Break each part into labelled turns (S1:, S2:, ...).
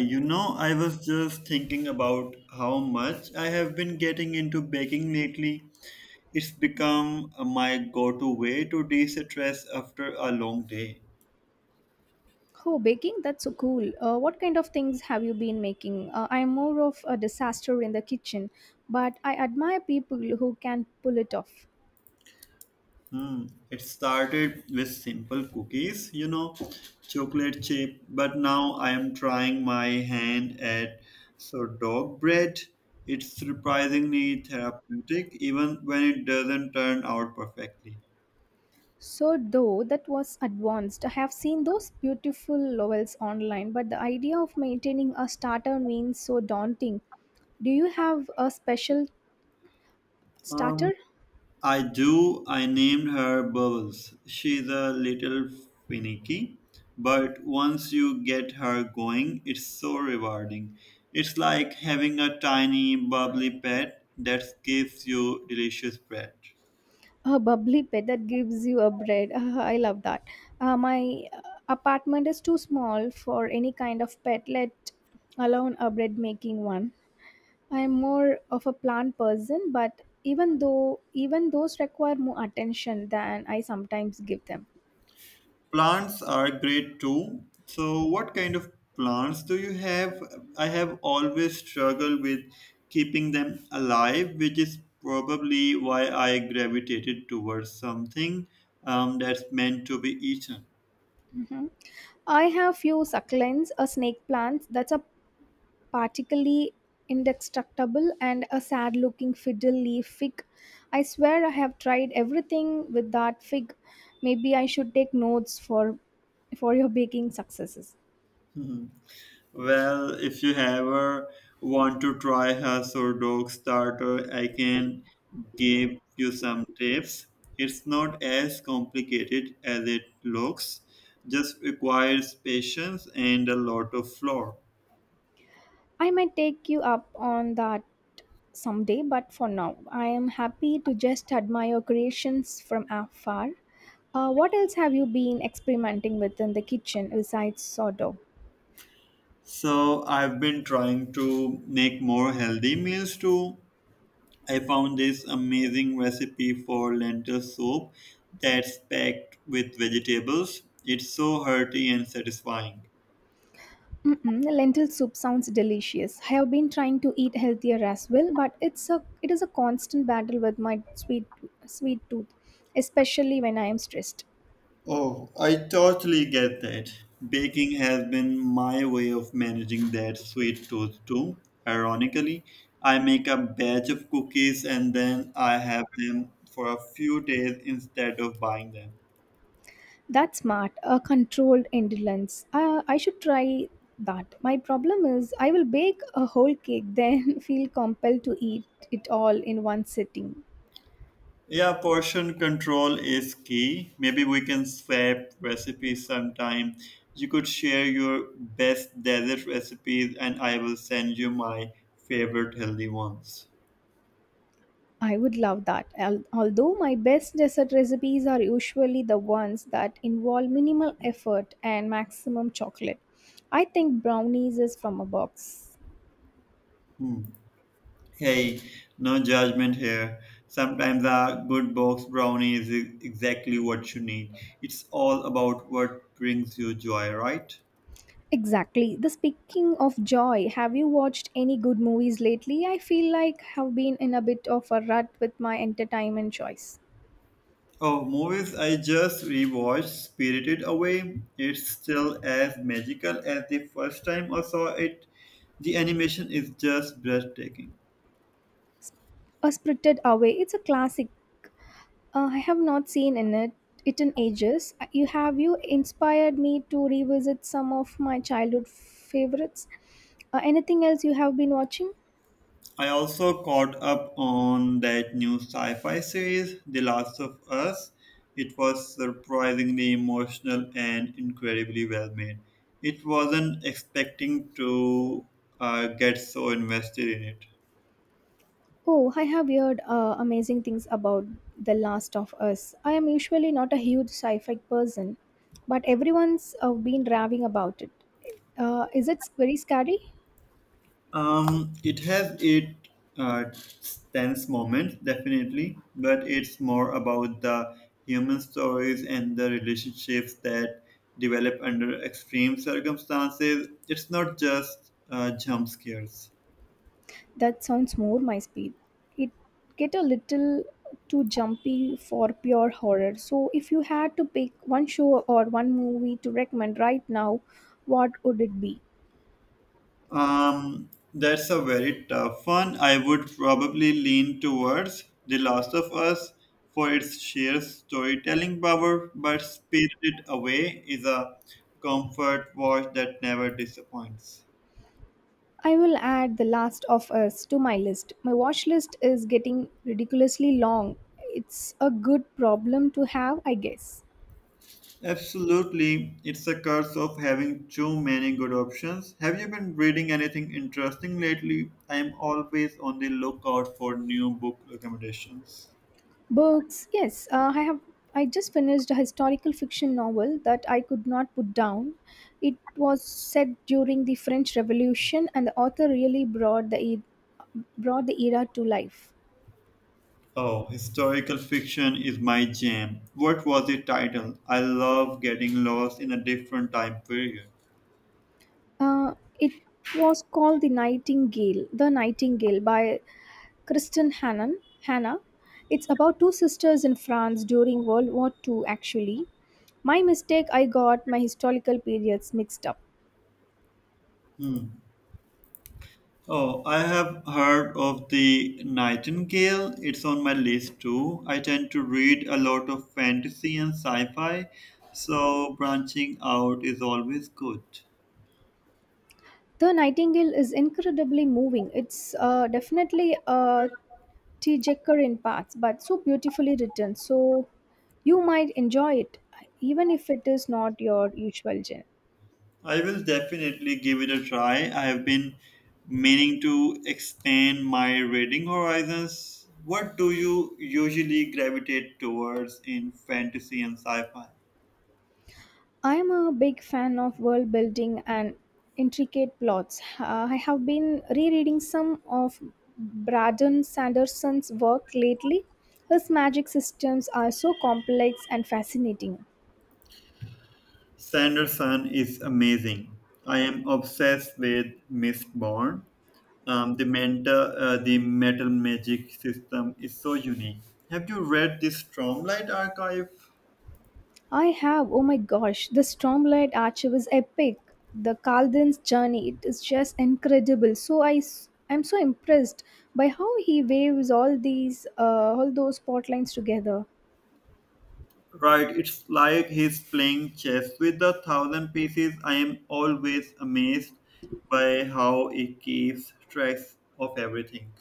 S1: You know, I was just thinking about how much I have been getting into baking lately. It's become my go to way to de stress after a long day.
S2: Oh, baking, that's so cool. What kind of things have you been making? I'm more of a disaster in the kitchen, but I admire people who can pull it off.
S1: Hmm. It started with simple cookies, chocolate chip, but now I am trying my hand at sourdough bread. It's surprisingly therapeutic even when it doesn't turn out perfectly.
S2: So, though that was advanced, I have seen those beautiful levels online, but the idea of maintaining a starter means so daunting. Do you have a special
S1: Um,
S2: starter?
S1: I do. I named her Bubbles. She's a little finicky, but once you get her going, it's so rewarding. It's like having a tiny, bubbly pet that gives you delicious bread.
S2: A bubbly pet that gives you a bread. I love that. My apartment is too small for any kind of pet, let alone a bread making one. I am more of a plant person, but even those require more attention than I sometimes give them.
S1: Plants are great too. So, what kind of plants do you have? I have always struggled with keeping them alive, which is probably why I gravitated towards something that's meant to be eaten.
S2: Mhm. I have few succulents, a snake plant that's a particularly indestructible, and a sad looking fiddle leaf fig. I swear I have tried everything with that fig. Maybe I should take notes for your baking successes.
S1: Hmm. Well, if you ever want to try Husk or Dog Starter, I can give you some tips. It's not as complicated as it looks, just requires patience and a lot of flour.
S2: I might take you up on that someday, but for now, I am happy to just admire creations from afar. What else have you been experimenting with in the kitchen besides sourdough?
S1: So, I've been trying to make more healthy meals too. I found this amazing recipe for lentil soup that's packed with vegetables. It's so hearty and satisfying.
S2: Mm-mm, lentil soup sounds delicious. I have been trying to eat healthier as well, but it is a constant battle with my sweet tooth, especially when I am stressed.
S1: Oh, I totally get that. Baking has been my way of managing that sweet tooth too. Ironically, I make a batch of cookies and then I have them for a few days instead of buying them.
S2: That's smart, a controlled indulgence. I should try that. My problem is I will bake a whole cake, then feel compelled to eat it all in one sitting.
S1: Yeah, portion control is key. Maybe we can swap recipes sometime. You could share your best dessert recipes and I will send you my favorite healthy ones.
S2: I would love that. Although my best dessert recipes are usually the ones that involve minimal effort and maximum chocolate. I think brownies is from a box.
S1: Hmm. Hey, no judgment here. Sometimes a good box brownie is exactly what you need. It's all about what brings you joy, right?
S2: Exactly. The speaking of joy, have you watched any good movies lately? I feel like have been in a bit of a rut with my entertainment choice.
S1: Oh, movies I just rewatched Spirited Away. It's still as magical as the first time I saw it. The animation is just breathtaking.
S2: A Spirited Away, it's a classic. I have not seen in it it in ages. You inspired me to revisit some of my childhood favorites. Anything else you have been watching?
S1: I also caught up on that new sci fi series, The Last of Us. It was surprisingly emotional and incredibly well made. It wasn't expecting to get so invested in it.
S2: Oh, I have heard amazing things about The Last of Us. I am usually not a huge sci-fi person, but everyone's been raving about it. Is it very scary?
S1: It has it uh, tense moments, definitely, but it's more about the human stories and the relationships that develop under extreme circumstances. It's not just jump scares.
S2: That sounds more my speed. It get a little too jumpy for pure horror. So if you had to pick one show or one movie to recommend right now, what would it be?
S1: That's a very tough one. I would probably lean towards The Last of Us for its sheer storytelling power, but Spirited Away is a comfort watch that never disappoints.
S2: I will add The Last of Us to my list. My watch list is getting ridiculously long. It's a good problem to have, I guess.
S1: Absolutely, it's a curse of having too many good options. Have you been reading anything interesting lately? I am always on the lookout for new book recommendations.
S2: Books, yes. I have. I just finished a historical fiction novel that I could not put down. It was set during the French Revolution, and the author really brought the era to life.
S1: Oh, historical fiction is my jam. What was the title? I love getting lost in a different time period.
S2: Uh, it was called The Nightingale, by Kristen Hannan. Hannah. It's about two sisters in France during World War Two. Actually, my mistake. I got my historical periods mixed up.
S1: Hmm. Oh, I have heard of the Nightingale. It's on my list too. I tend to read a lot of fantasy and sci fi, so branching out is always good.
S2: The Nightingale is incredibly moving. It's definitely a tearjerker in parts, but so beautifully written. So you might enjoy it, even if it is not your usual genre.
S1: I will definitely give it a try. I have been meaning to expand my reading horizons. What do you usually gravitate towards in fantasy and sci fi?
S2: I am a big fan of world building and intricate plots. I have been rereading some of Braden Sanderson's work lately. His magic systems are so complex and fascinating.
S1: Sanderson is amazing. I am obsessed with Mistborn. The metal magic system is so unique. Have you read this Stromlight archive?
S2: I have, oh my gosh, the Stormlight Archer was epic. The Kaldan's journey, it is just incredible. So I'm so impressed by how he waves all those plot lines together.
S1: Right, it's like he's playing chess with a thousand pieces. I am always amazed by how it keeps track of everything.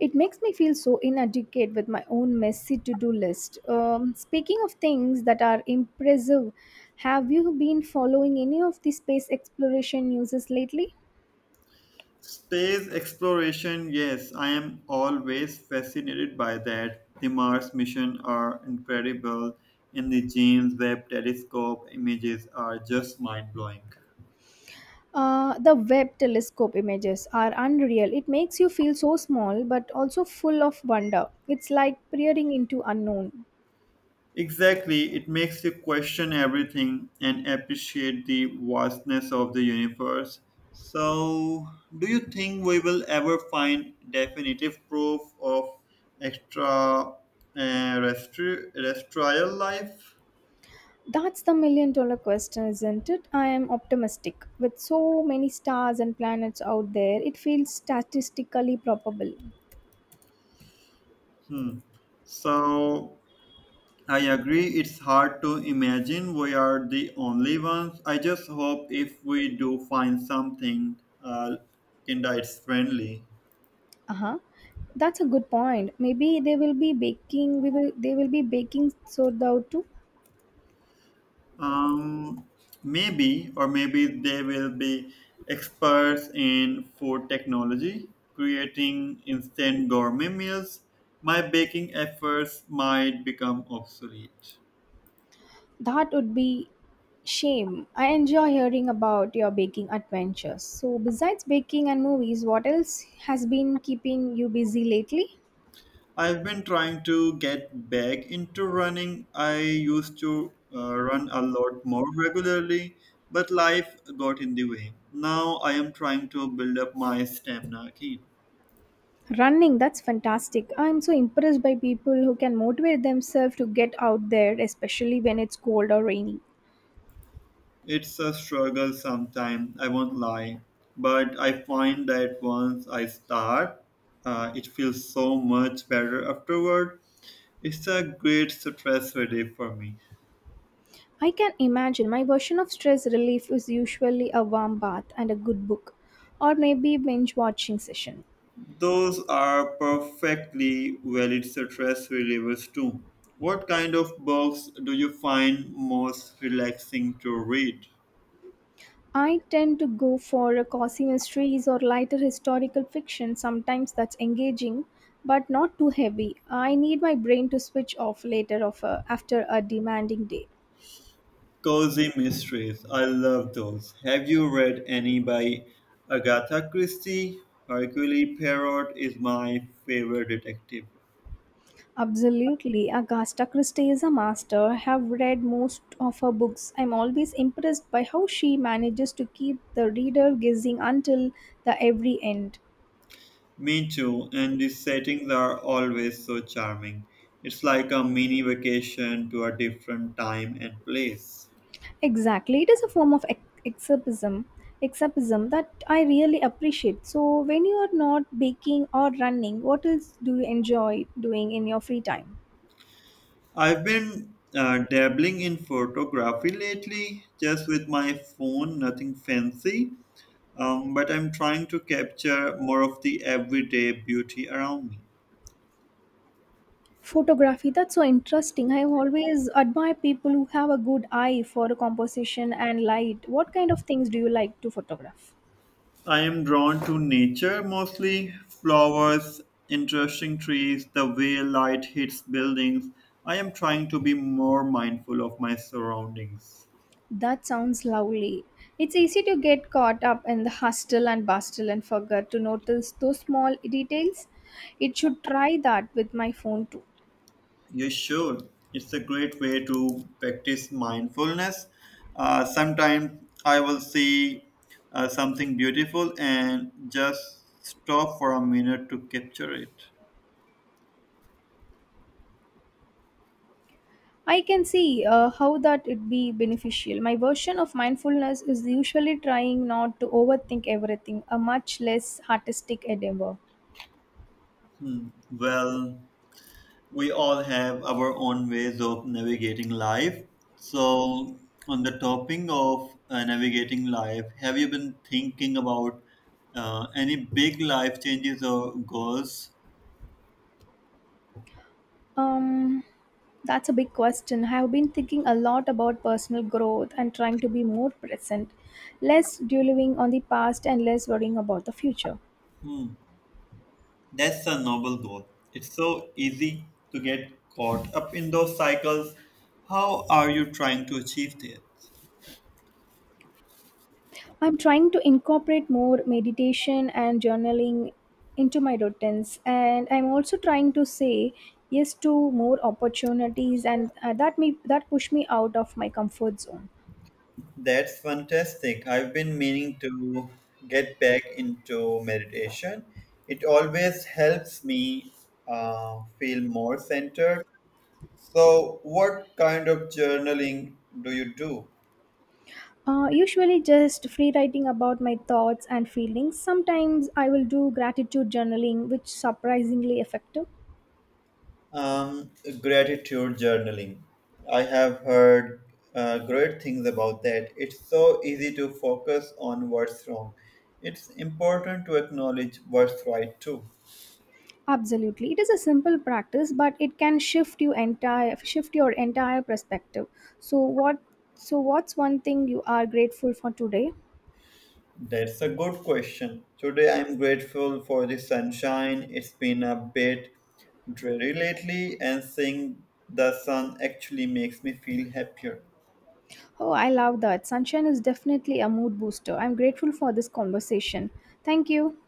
S2: It makes me feel so inadequate with my own messy to-do list. Speaking of things that are impressive, have you been following any of the space exploration news lately?
S1: Space exploration, yes, I am always fascinated by that. The Mars mission are incredible, and the James Webb Telescope images are just mind blowing.
S2: The Webb telescope images are unreal. It makes you feel so small but also full of wonder. It's like peering into unknown.
S1: Exactly, it makes you question everything and appreciate the vastness of the universe. So, do you think we will ever find definitive proof of extra uh, terrestrial life?
S2: That's the million dollar question, isn't it? I am optimistic. With so many stars and planets out there, it feels statistically probable.
S1: Hmm. So, I agree, it's hard to imagine we are the only ones. I just hope if we do find something, kinda it's friendly.
S2: Uh-huh. That's a good point. Maybe they will be baking soda too.
S1: Um, maybe, or maybe they will be experts in food technology, creating instant gourmet meals. My baking efforts might become obsolete.
S2: That would be shame. I enjoy hearing about your baking adventures. So, besides baking and movies, what else has been keeping you busy lately?
S1: I've been trying to get back into running. I used to run a lot more regularly, but life got in the way. Now I am trying to build up my stamina again.
S2: Running, that's fantastic. I'm so impressed by people who can motivate themselves to get out there, especially when it's cold or rainy.
S1: It's a struggle sometimes, I won't lie. But I find that once I start, it feels so much better afterward. It's a great stress relief for me.
S2: I can imagine my version of stress relief is usually a warm bath and a good book, or maybe binge watching session.
S1: Those are perfectly valid stress relievers too. What kind of books do you find most relaxing to read?
S2: I tend to go for a cozy mysteries or lighter historical fiction. Sometimes that's engaging, but not too heavy. I need my brain to switch off after a demanding day.
S1: Cozy mysteries. I love those. Have you read any by Agatha Christie? Hercule Poirot is my favorite detective.
S2: Absolutely, Agatha Christie is a master. Have read most of her books. I'm always impressed by how she manages to keep the reader guessing until the every end.
S1: Me too, and the settings are always so charming. It's like a mini vacation to a different time and place.
S2: Exactly. It is a form of escapism, escapism that I really appreciate. So, when you are not baking or running, what else do you enjoy doing in your free time?
S1: I've been dabbling in photography lately, just with my phone, nothing fancy. But I'm trying to capture more of the everyday beauty around me.
S2: Photography, that's so interesting. I always admire people who have a good eye for composition and light. What kind of things do you like to photograph?
S1: I am drawn to nature mostly flowers, interesting trees, the way light hits buildings. I am trying to be more mindful of my surroundings.
S2: That sounds lovely. It's easy to get caught up in the hustle and bustle and forget to notice those small details. It should try that with my phone too.
S1: You should. It's a great way to practice mindfulness. Sometimes I will see something beautiful and just stop for a minute to capture it.
S2: I can see how that would be beneficial. My version of mindfulness is usually trying not to overthink everything, a much less artistic endeavor.
S1: Hmm. Well, we all have our own ways of navigating life. So, on the topic of navigating life, have you been thinking about any big life changes or goals?
S2: Um, that's a big question. I have been thinking a lot about personal growth and trying to be more present, less dwelling on the past and less worrying about the future.
S1: Hmm, that's a noble goal. It's so easy to get caught up in those cycles. How are you trying to achieve that?
S2: I'm trying to incorporate more meditation and journaling into my routines, and I'm also trying to say yes to more opportunities, and that push me out of my comfort zone.
S1: That's fantastic. I've been meaning to get back into meditation. It always helps me feel more centered. So, what kind of journaling do you do?
S2: Usually, just free writing about my thoughts and feelings. Sometimes I will do gratitude journaling, which surprisingly effective.
S1: Um, gratitude journaling. I have heard great things about that. It's so easy to focus on what's wrong. It's important to acknowledge what's right too.
S2: Absolutely, it is a simple practice, but it can shift your entire perspective. So what so what's one thing you are grateful for today?
S1: That's a good question. Today I'm grateful for the sunshine. It's been a bit dreary lately, and seeing the sun actually makes me feel happier.
S2: Oh, I love that. Sunshine is definitely a mood booster. I'm grateful for this conversation. Thank you.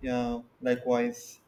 S1: Yeah, likewise.